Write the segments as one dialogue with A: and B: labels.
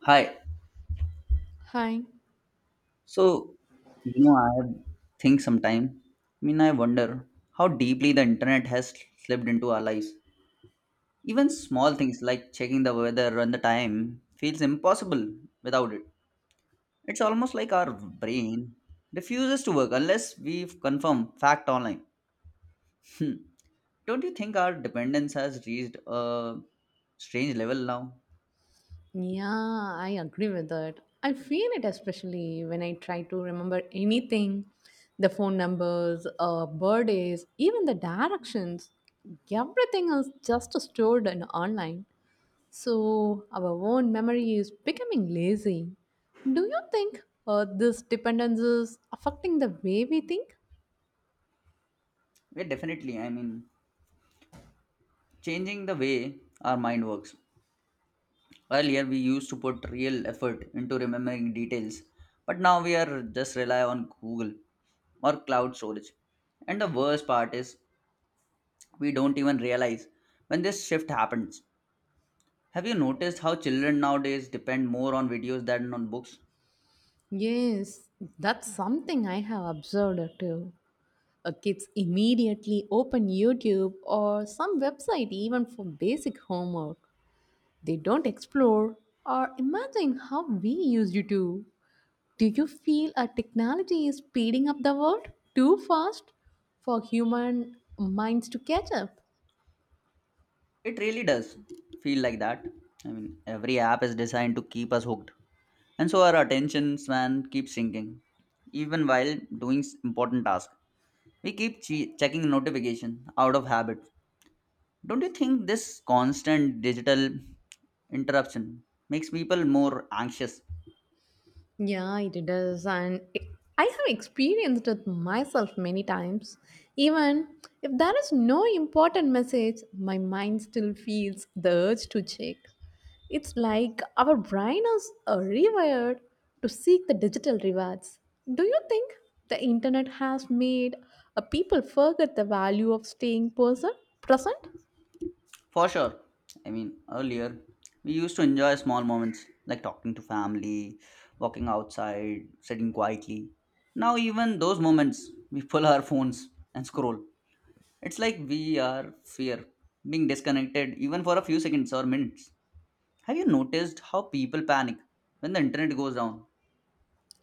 A: Hi.
B: Hi.
A: So, I have think sometime. I mean, I wonder how deeply the internet has slipped into our lives. Even small things like checking the weather and the time feels impossible without it. It's almost like our brain refuses to work unless we confirm fact online. Hmm. Don't you think our dependence has reached a strange level now?
B: Yeah, I agree with that. I feel it especially when I try to remember anything the phone numbers, birthdays, even the directions. Everything is just stored in online. So our own memory is becoming lazy. Do you think this dependence is affecting the way we think?
A: Yeah, definitely, I mean, changing the way our mind works. Earlier, we used to put real effort into remembering details, but now we are just rely on Google or cloud storage. And the worst part is, we don't even realize when this shift happens. Have you noticed how children nowadays depend more on videos than on books?
B: Yes, that's something I have observed too. Kids immediately open YouTube or some website even for basic homework. They don't explore or imagine how we used to. Do you feel our technology is speeding up the world too fast for human minds to catch up?
A: It really does feel like that. I mean, every app is designed to keep us hooked, and so our attention span keeps sinking, even while doing important tasks. We keep checking notification out of habit. Don't you think this constant digital interruption makes people more anxious?
B: Yeah, it does. I have experienced it myself many times. Even if there is no important message, my mind still feels the urge to check. It's like our brain is rewired to seek the digital rewards. Do you think the internet has made people forget the value of staying person present?
A: For sure. I mean, earlier we used to enjoy small moments like talking to family, walking outside, sitting quietly. Now, even those moments, we pull our phones and scroll. It's like we are fear being disconnected even for a few seconds or minutes. Have you noticed how people panic when the internet goes down?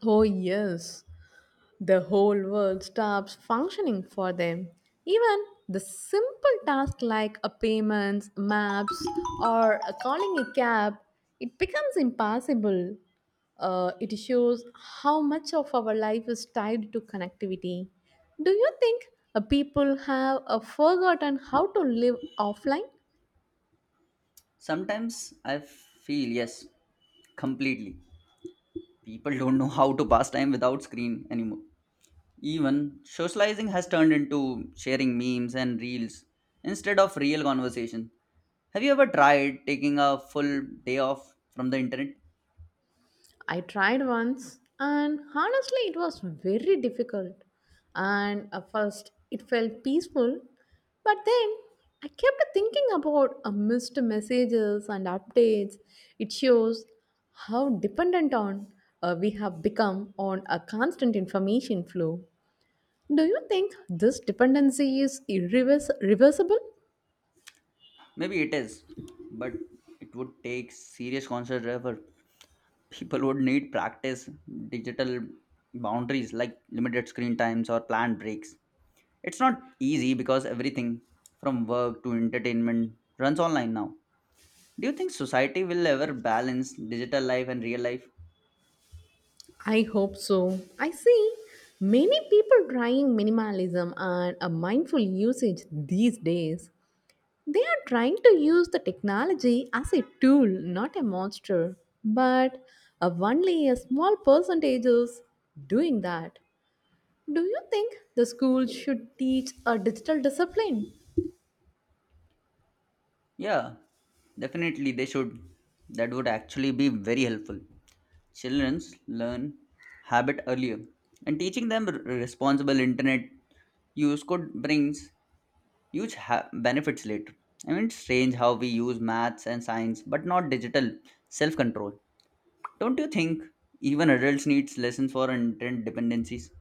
B: Oh yes, the whole world stops functioning for them. Even the simple task like a payments, maps, or a calling a cab, it becomes impossible. It shows how much of our life is tied to connectivity. Do you think people have forgotten how to live offline?
A: Sometimes I feel yes, completely. People don't know how to pass time without screen anymore. Even socializing has turned into sharing memes and reels instead of real conversation. Have you ever tried taking a full day off from the internet?
B: I tried once, and honestly, it was very difficult. And at first, it felt peaceful, but then I kept thinking about missed messages and updates. It shows how dependent on we have become on a constant information flow. Do you think this dependency is reversible?
A: Maybe it is, but it would take serious conscious effort. People would need practice digital boundaries like limited screen times or planned breaks. It's not easy because everything from work to entertainment runs online now. Do you think society will ever balance digital life and real life?
B: I hope so. I see many people trying minimalism and a mindful usage these days. They are trying to use the technology as a tool, not a monster. But only a small percentage is doing that. Do you think the school should teach a digital discipline?
A: Yeah, definitely they should. That would actually be very helpful. Children learn habit earlier, and teaching them responsible internet use could brings huge benefits later. I mean, it's strange how we use maths and science, but not digital self control. Don't you think even adults needs lessons for internet dependencies?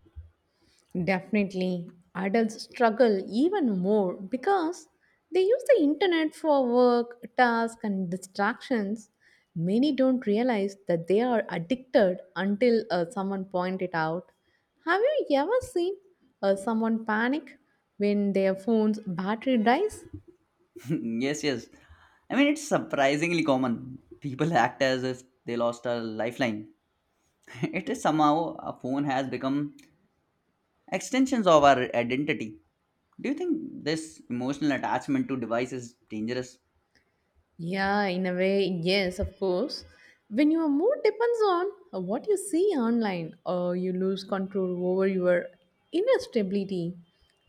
B: Definitely, adults struggle even more because they use the internet for work, tasks, and distractions. Many don't realize that they are addicted until someone point it out. Have you ever seen someone panic when their phone's battery dies?
A: Yes, yes. I mean, it's surprisingly common. People act as if they lost a lifeline. It is somehow a phone has become extensions of our identity. Do you think this emotional attachment to device is dangerous?
B: Yeah, in a way, yes, of course. When your mood depends on what you see online, or you lose control over your inner stability.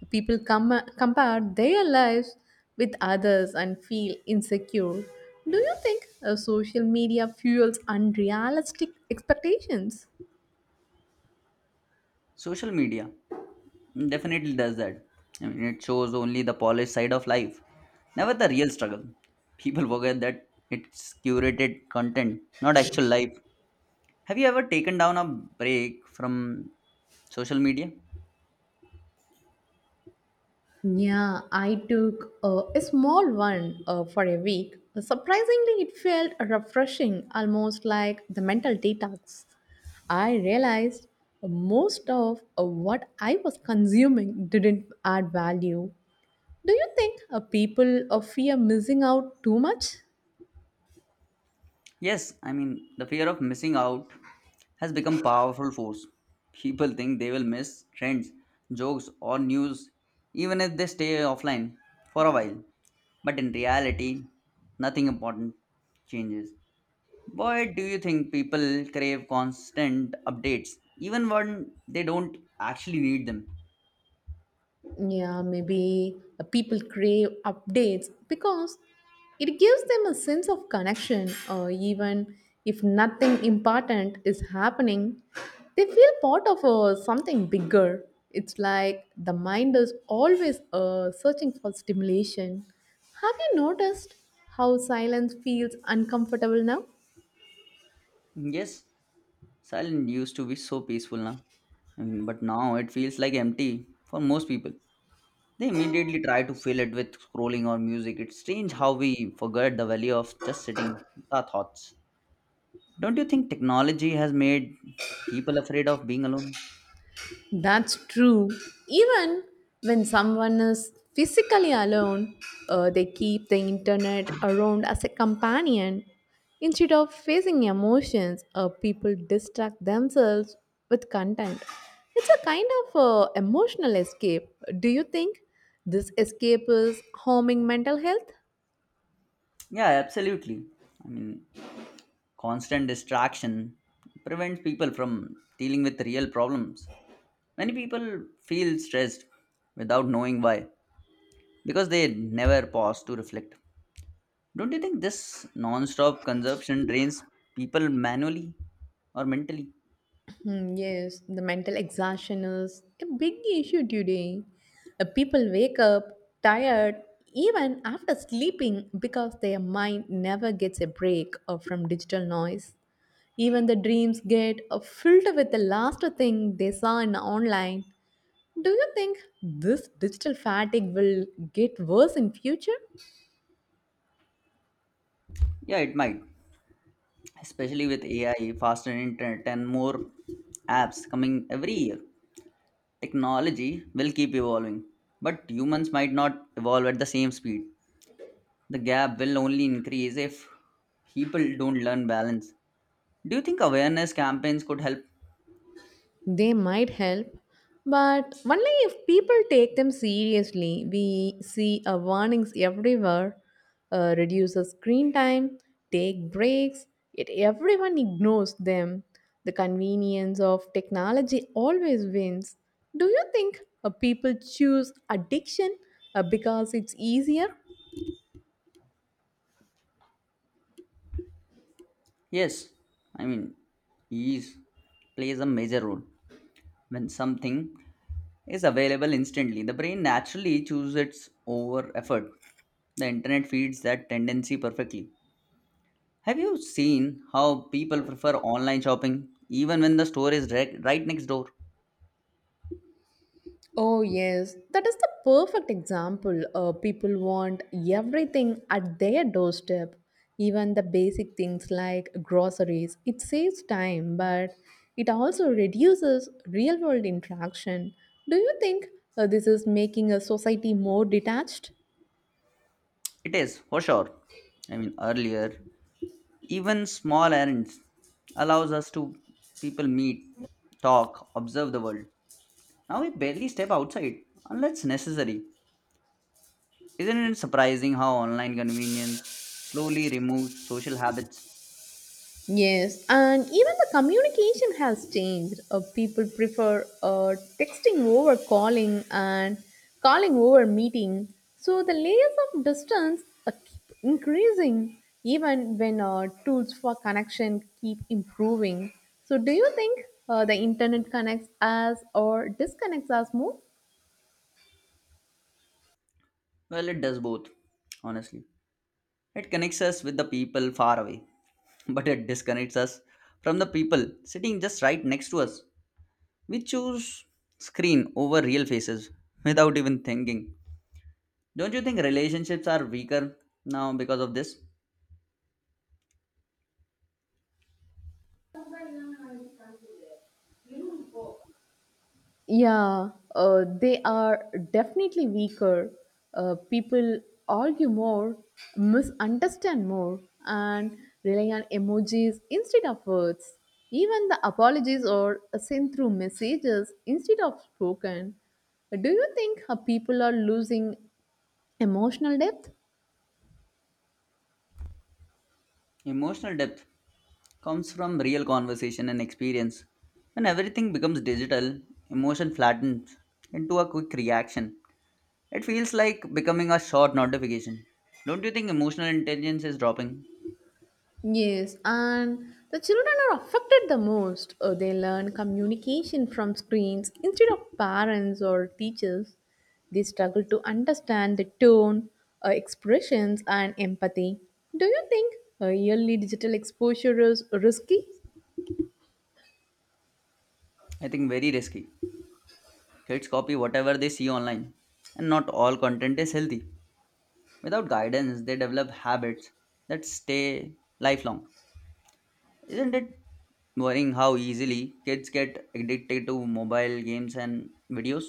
B: People compare their lives with others and feel insecure. Do you think social media fuels unrealistic expectations?
A: Social media definitely does that. I mean, it shows only the polished side of life, never the real struggle. People forget that it's curated content, not actual life. Have you ever taken down a break from social media?
B: Yeah, I took a small one for a week. Surprisingly, it felt refreshing, almost like the mental detox. I realized most of what I was consuming didn't add value. Do you think people fear missing out too much?
A: Yes, I mean, the fear of missing out has become powerful force. People think they will miss trends, jokes or news even if they stay offline for a while. But in reality, nothing important changes. Why do you think people crave constant updates even when they don't actually need them?
B: Yeah, maybe people crave updates because it gives them a sense of connection, or even if nothing important is happening, they feel part of something bigger. It's like the mind is always searching for stimulation. Have you noticed how silence feels uncomfortable now?
A: Yes, silent used to be so peaceful now. I mean, but now it feels like empty for most people. They immediately try to fill it with scrolling or music. It's strange how we forget the value of just sitting with our thoughts. Don't you think technology has made people afraid of being alone?
B: That's true. Even when someone is physically alone, they keep the internet around as a companion. Instead of facing emotions, people distract themselves with content. It's a kind of emotional escape. Do you think this escape is harming mental health?
A: Yeah, absolutely. I mean, constant distraction prevents people from dealing with real problems. Many people feel stressed without knowing why because they never pause to reflect. Don't you think this non stop consumption drains people manually or mentally?
B: Hmm, yes, the mental exhaustion is a big issue today. People wake up tired even after sleeping because their mind never gets a break from digital noise. Even the dreams get filled with the last thing they saw in online. Do you think this digital fatigue will get worse in future?
A: Yeah, it might. Especially with AI, faster internet, and more apps coming every year. Technology will keep evolving, but humans might not evolve at the same speed. The gap will only increase if people don't learn balance. Do you think awareness campaigns could help?
B: They might help, but only if people take them seriously. We see warnings everywhere, reduce the screen time, take breaks, yet everyone ignores them. The convenience of technology always wins. Do you think people choose addiction because it's easier.
A: Yes, I mean, ease plays a major role. When something is available instantly, the brain naturally chooses its over effort. The internet feeds that tendency perfectly. Have you seen how people prefer online shopping even when the store is direct, right next door?
B: Oh, yes, that is the perfect example. People want everything at their doorstep, even the basic things like groceries. It saves time, but it also reduces real world interaction. Do you think this is making a society more detached?
A: It is, for sure. I mean, earlier, even small errands allows us to people meet, talk, observe the world. Now we barely step outside unless necessary. Isn't it surprising how online convenience slowly removes social habits?
B: Yes, and even the communication has changed. People prefer texting over calling and calling over meeting. So the layers of distance keep increasing even when tools for connection keep improving. So do you think the internet connects us or disconnects us more?
A: Well, it does both, honestly. It connects us with the people far away, but it disconnects us from the people sitting just right next to us. We choose screen over real faces without even thinking. Don't you think relationships are weaker now because of this?
B: Yeah, they are definitely weaker. People argue more, misunderstand more, and rely on emojis instead of words. Even the apologies are sent through messages instead of spoken. Do you think people are losing emotional depth?
A: Emotional depth comes from real conversation and experience. When everything becomes digital, emotion flattens into a quick reaction. It feels like becoming a short notification. Don't you think emotional intelligence is dropping?
B: Yes, and the children are affected the most. They learn communication from screens instead of parents or teachers. They struggle to understand the tone, expressions, and empathy. Do you think yearly digital exposure is risky?
A: I think very risky. Kids copy whatever they see online, and not all content is healthy. Without guidance, they develop habits that stay lifelong. Isn't it worrying how easily kids get addicted to mobile games and videos?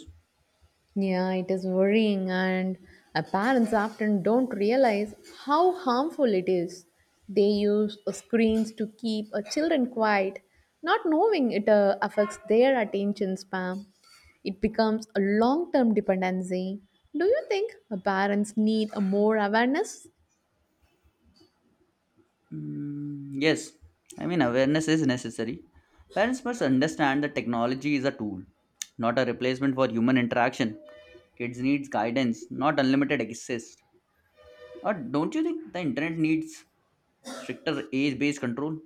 B: Yeah, it is worrying, and our parents often don't realize how harmful it is. They use screens to keep children quiet, not knowing it affects their attention span. It becomes a long term dependency. Do you think parents need a more awareness?
A: Mm, yes, I mean, awareness is necessary. Parents must understand that technology is a tool, not a replacement for human interaction. Kids needs guidance, not unlimited access. Or don't you think the internet needs stricter age-based control?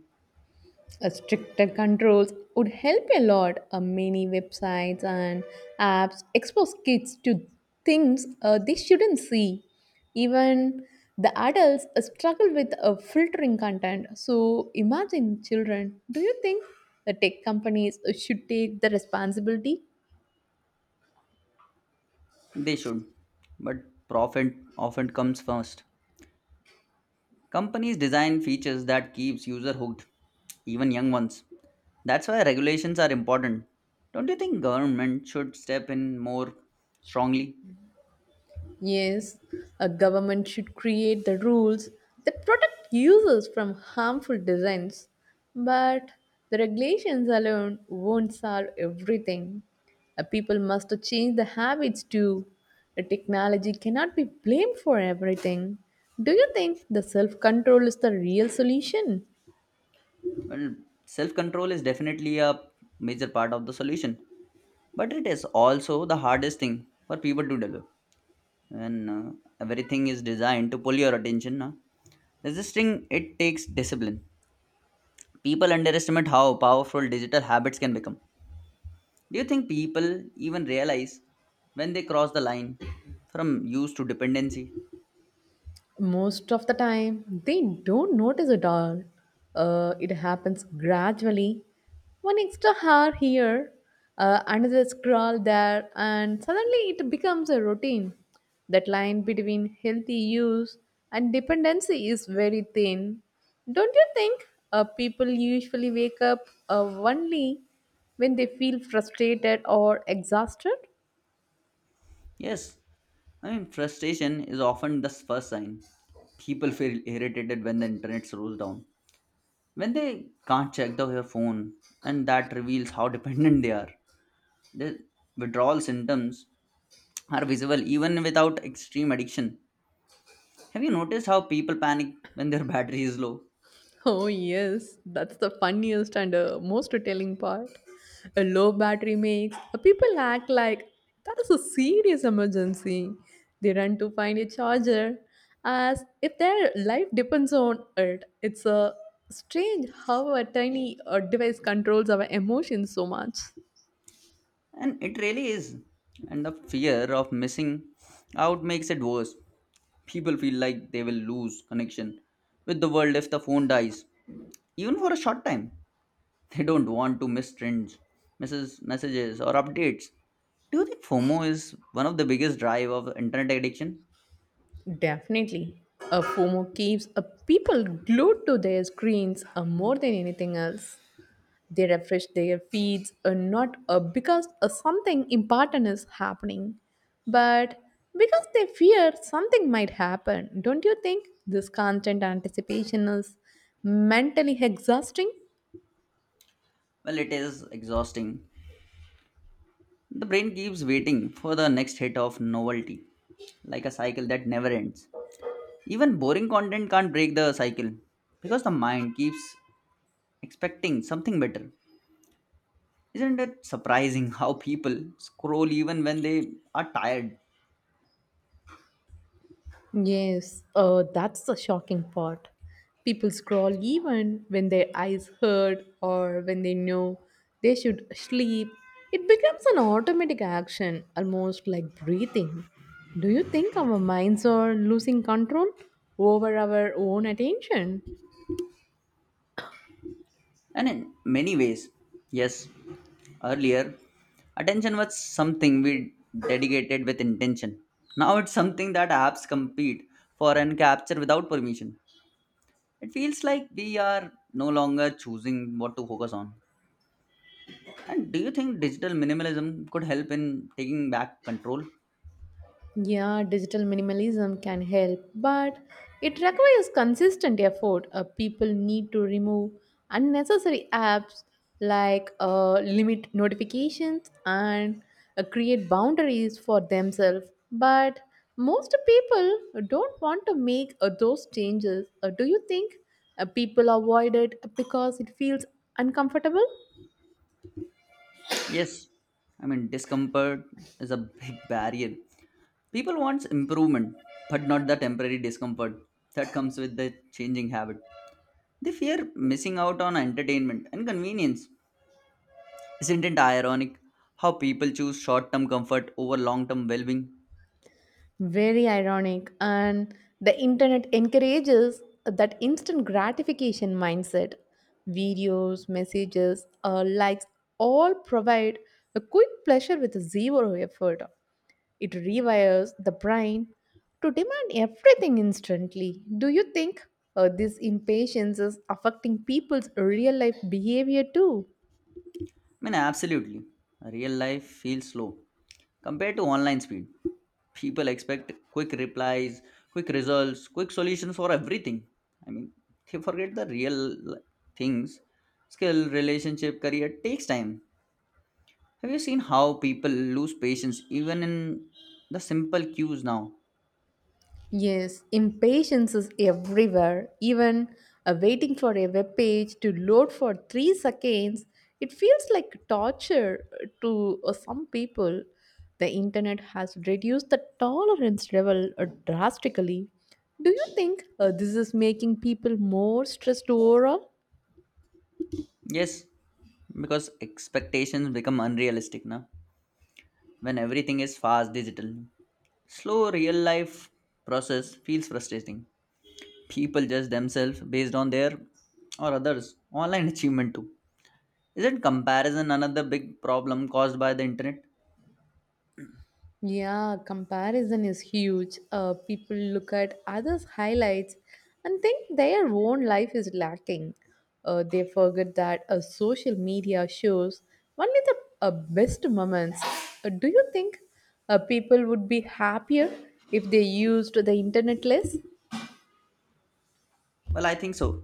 B: A stricter controls would help a lot. Many websites and apps expose kids to things they shouldn't see. Even the adults struggle with filtering content. So imagine children. Do you think the tech companies should take the responsibility?
A: They should, but profit often comes first. Companies design features that keeps user hooked, even young ones. That's why regulations are important. Don't you think government should step in more strongly?
B: Yes, a government should create the rules that protect users from harmful designs, but the regulations alone won't solve everything. People must change the habits too. The technology cannot be blamed for everything. Do you think the self control is the real solution?
A: Well, self-control is definitely a major part of the solution, but it is also the hardest thing for people to develop. And everything is designed to pull your attention. Huh? Resisting it takes discipline. People underestimate how powerful digital habits can become. Do you think people even realize when they cross the line from use to dependency?
B: Most of the time, they don't notice at all. It happens gradually. One extra hair here, another scroll there, and suddenly it becomes a routine. That line between healthy use and dependency is very thin. Don't you think people usually wake up only when they feel frustrated or exhausted?
A: Yes, I mean, frustration is often the first sign. People feel irritated when the internet slows down, when they can't check their phone, and that reveals how dependent they are. The withdrawal symptoms are visible even without extreme addiction. Have you noticed how people panic when their battery is low?
B: Oh, yes, that's the funniest and most telling part. A low battery makes people act like that is a serious emergency. They run to find a charger as if their life depends on it. It's a strange how a tiny device controls our emotions so much.
A: And it really is. And the fear of missing out makes it worse. People feel like they will lose connection with the world if the phone dies, even for a short time. They don't want to miss trends, misses messages, or updates. Do you think FOMO is one of the biggest drive of internet addiction?
B: Definitely. A FOMO keeps people glued to their screens more than anything else. They refresh their feeds not because something important is happening, but because they fear something might happen. Don't you think this constant anticipation is mentally exhausting?
A: Well, it is exhausting. The brain keeps waiting for the next hit of novelty, like a cycle that never ends. Even boring content can't break the cycle because the mind keeps expecting something better. Isn't it surprising how people scroll even when they are tired?
B: Yes, that's the shocking part. People scroll even when their eyes hurt or when they know they should sleep. It becomes an automatic action, almost like breathing. Do you think our minds are losing control over our own attention?
A: And in many ways, yes, earlier, attention was something we dedicated with intention. Now it's something that apps compete for and capture without permission. It feels like we are no longer choosing what to focus on. And do you think digital minimalism could help in taking back control?
B: Yeah, digital minimalism can help, but it requires consistent effort. People need to remove unnecessary apps like limit notifications and create boundaries for themselves. But most people don't want to make those changes. Do you think people avoid it because it feels uncomfortable?
A: Yes, I mean, discomfort is a big barrier. People want improvement, but not the temporary discomfort that comes with the changing habit. They fear missing out on entertainment and convenience. Isn't it ironic how people choose short term comfort over long term well being?
B: Very ironic. And the internet encourages that instant gratification mindset. Videos, messages, likes all provide a quick pleasure with zero effort. It rewires the brain to demand everything instantly. Do you think this impatience is affecting people's real life behavior too?
A: I mean, absolutely. Real life feels slow compared to online speed. People expect quick replies, quick results, quick solutions for everything. I mean, they forget the real, like, things, skill, relationship, career takes time. Have you seen how people lose patience even in the simple cues now?
B: Yes, impatience is everywhere. Even waiting for a web page to load for 3 seconds, it feels like torture to some people. The internet has reduced the tolerance level drastically. Do you think this is making people more stressed overall?
A: Yes, because expectations become unrealistic now. When everything is fast digital, slow real life process feels frustrating. People judge themselves based on their or others online achievement too. Isn't comparison another big problem caused by the internet?
B: Yeah, comparison is huge. People look at others' highlights and think their own life is lacking. They forget that social media shows only the best moments. Do you think people would be happier if they used the internet less?
A: Well, I think so.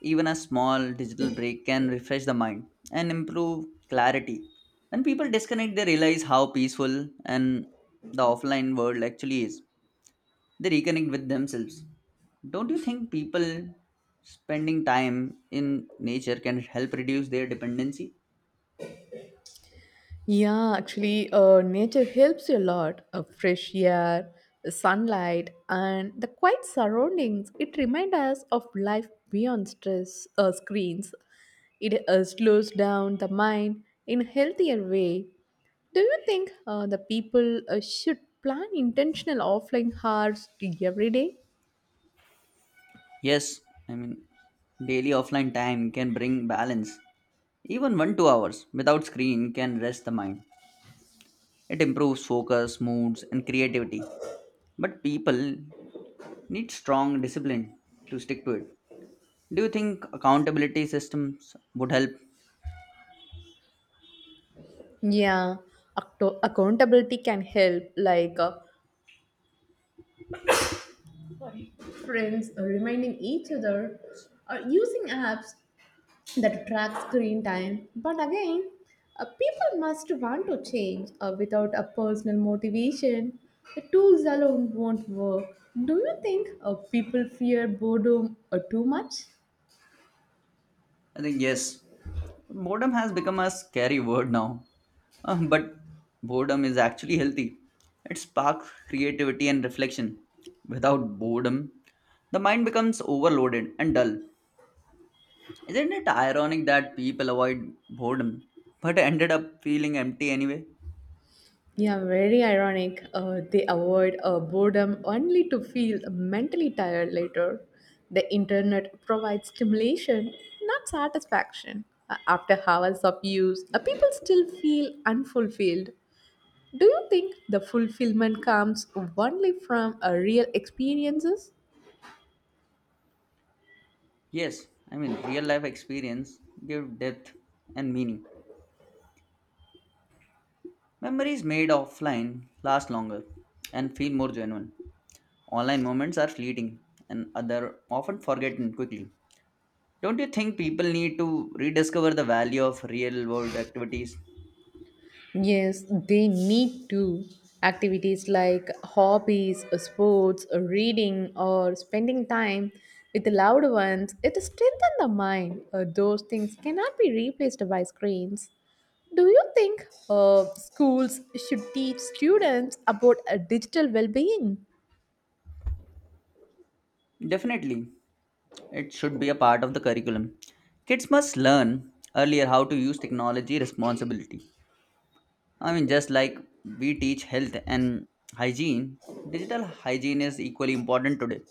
A: Even a small digital break can refresh the mind and improve clarity. When people disconnect, they realize how peaceful and the offline world actually is. They reconnect with themselves. Don't you think people spending time in nature can help reduce their dependency?
B: Yeah, actually, nature helps you a lot. Fresh air, the sunlight, and the quiet surroundings. It reminds us of life beyond stress screens. It slows down the mind in a healthier way. Do you think the people should plan intentional offline hours every day?
A: Yes, I mean, daily offline time can bring balance. Even 1 2 hours without screen can rest the mind. It improves focus, moods, and creativity. But people need strong discipline to stick to it. Do you think accountability systems would help?
B: Yeah, accountability can help, like friends reminding each other, or using apps that tracks screen time. But again, people must want to change without a personal motivation. The tools alone won't work. Do you think people fear boredom too much?
A: I think yes. Boredom has become a scary word now. But boredom is actually healthy. It sparks creativity and reflection. Without boredom, the mind becomes overloaded and dull. Isn't it ironic that people avoid boredom but ended up feeling empty anyway?
B: Yeah, very ironic. They avoid boredom only to feel mentally tired later. The internet provides stimulation, not satisfaction. After hours of use, people still feel unfulfilled. Do you think the fulfillment comes only from a real experiences?
A: Yes, I mean, real life experience give depth and meaning. Memories made offline last longer and feel more genuine. Online moments are fleeting and other often forgotten quickly. Don't you think people need to rediscover the value of real world activities?
B: Yes, they need to. Activities like hobbies, sports, reading, or spending time with the loved ones, it strengthens the mind. Those things cannot be replaced by screens. Do you think schools should teach students about digital well being?
A: Definitely, it should be a part of the curriculum. Kids must learn earlier how to use technology responsibly. I mean, just like we teach health and hygiene, digital hygiene is equally important today.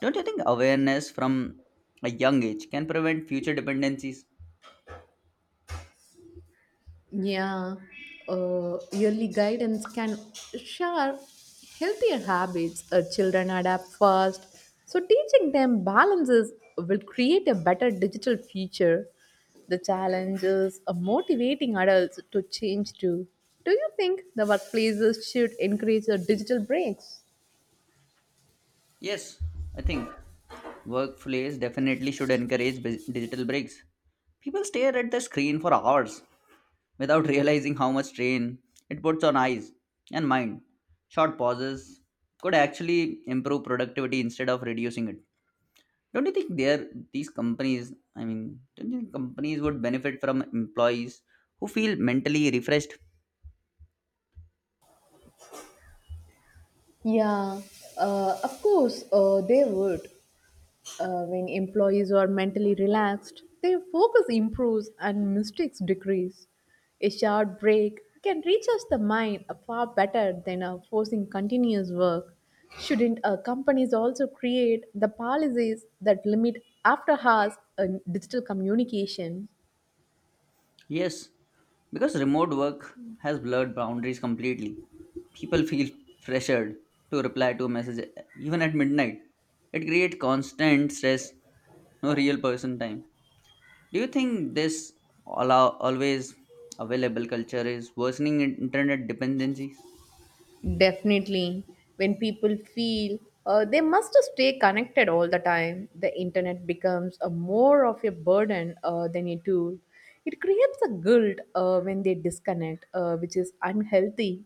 A: Don't you think awareness from a young age can prevent future dependencies?
B: Yeah, yearly guidance can share healthier habits. Children adapt fast, so teaching them balances will create a better digital future. The challenge is motivating adults to change too. Do you think the workplaces should encourage digital breaks?
A: Yes, I think workplace definitely should encourage digital breaks. People stare at the screen for hours without realizing how much strain it puts on eyes and mind. Short pauses could actually improve productivity instead of reducing it. Don't you think there these companies? I mean, don't you think companies would benefit from employees who feel mentally refreshed?
B: Yeah, of course, they would. When employees are mentally relaxed, their focus improves and mistakes decrease. A short break can recharge the mind far better than forcing continuous work. Shouldn't companies also create the policies that limit after hours uh, digital communication?
A: Yes, because remote work has blurred boundaries completely. People feel pressured to reply to a message even at midnight. It creates constant stress, no real person time. Do you think this allow always available culture is worsening internet dependencies?
B: Definitely. When people feel they must stay connected all the time, the internet becomes a more of a burden than a tool. It creates a guilt when they disconnect, which is unhealthy.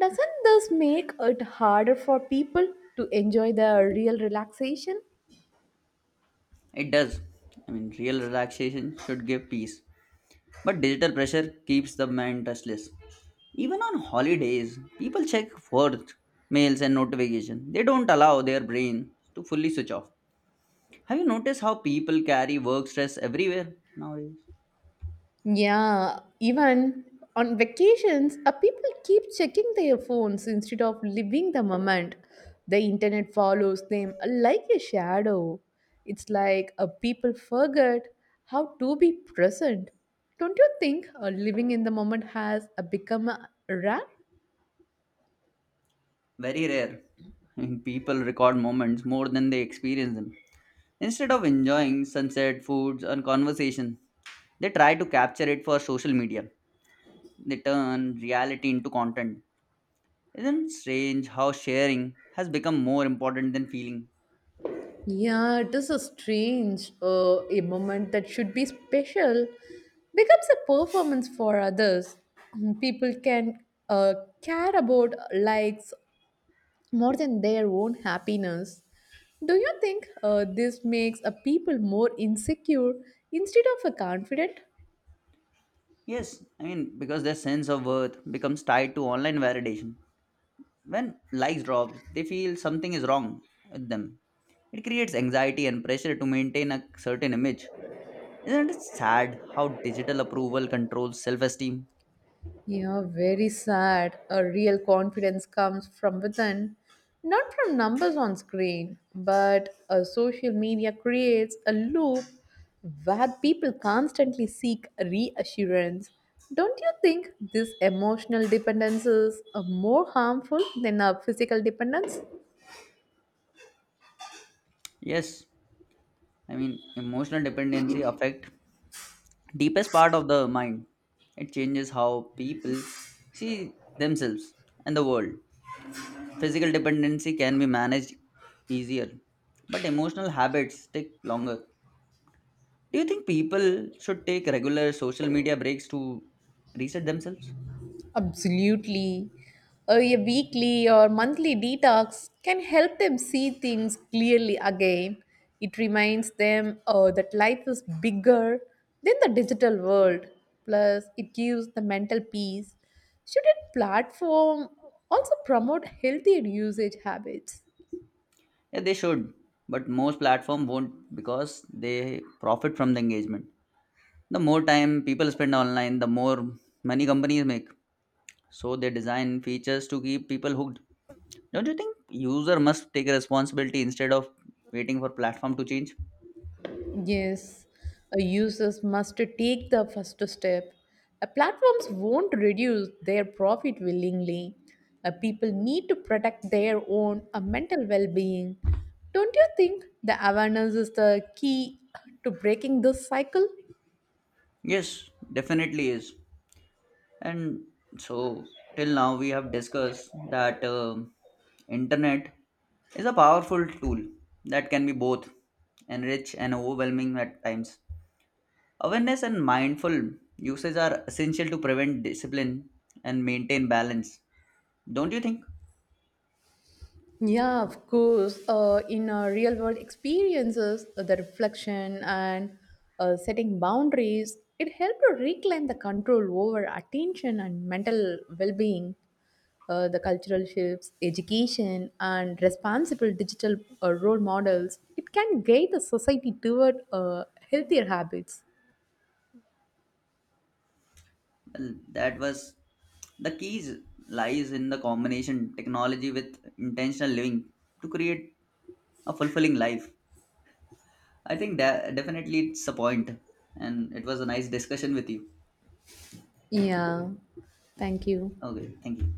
B: Doesn't this make it harder for people to enjoy the real relaxation?
A: It does. I mean, real relaxation should give peace. But digital pressure keeps the mind touchless. Even on holidays, people check work, mails, and notifications. They don't allow their brain to fully switch off. Have you noticed how people carry work stress everywhere nowadays?
B: Yeah, even on vacations, people keep checking their phones instead of living the moment. The internet follows them like a shadow. It's like people forget how to be present. Don't you think living in the moment has become rare?
A: Very rare. People record moments more than they experience them. Instead of enjoying sunset, foods, and conversation, they try to capture it for social media. They turn reality into content. Isn't it strange how sharing has become more important than feeling?
B: Yeah, it is a strange a moment that should be special becomes a performance for others. Mm, people can care about likes more than their own happiness. Do you think this makes a people more insecure instead of a confident?
A: Yes, I mean, because their sense of worth becomes tied to online validation. When likes drop, they feel something is wrong with them. It creates anxiety and pressure to maintain a certain image. Isn't it sad how digital approval controls self esteem?
B: Yeah, very sad. A real confidence comes from within, not from numbers on screen, but a social media creates a loop where people constantly seek reassurance. Don't you think this emotional dependence is more harmful than a physical dependence?
A: Yes, I mean, emotional dependency affect deepest part of the mind. It changes how people see themselves and the world. Physical dependency can be managed easier, but emotional habits take longer. Do you think people should take regular social media breaks to reset themselves?
B: Absolutely. A weekly or monthly detox can help them see things clearly again. It reminds them that life is bigger than the digital world. Plus, it gives the mental peace. Shouldn't platform also promote healthier usage habits?
A: Yeah, they should, but most platforms won't because they profit from the engagement. The more time people spend online, the more money companies make. So they design features to keep people hooked. Don't you think user must take responsibility instead of waiting for platform to change?
B: Yes, users must take the first step. Platforms won't reduce their profit willingly. People need to protect their own mental well being. Don't you think the awareness is the key to breaking this cycle?
A: Yes, definitely is. And so, till now we have discussed that internet is a powerful tool that can be both enrich and overwhelming at times. Awareness and mindful usage are essential to prevent discipline and maintain balance. Don't you think?
B: Yeah, of course. In our real world experiences, the reflection and setting boundaries, it helped to reclaim the control over attention and mental well being. The cultural shifts, education, and responsible digital role models, it can guide the society toward healthier habits.
A: Well, that was the keys lies in the combination technology with intentional living to create a fulfilling life. I think that definitely it's a point, and it was a nice discussion with you.
B: Yeah, thank you.
A: Okay, thank you.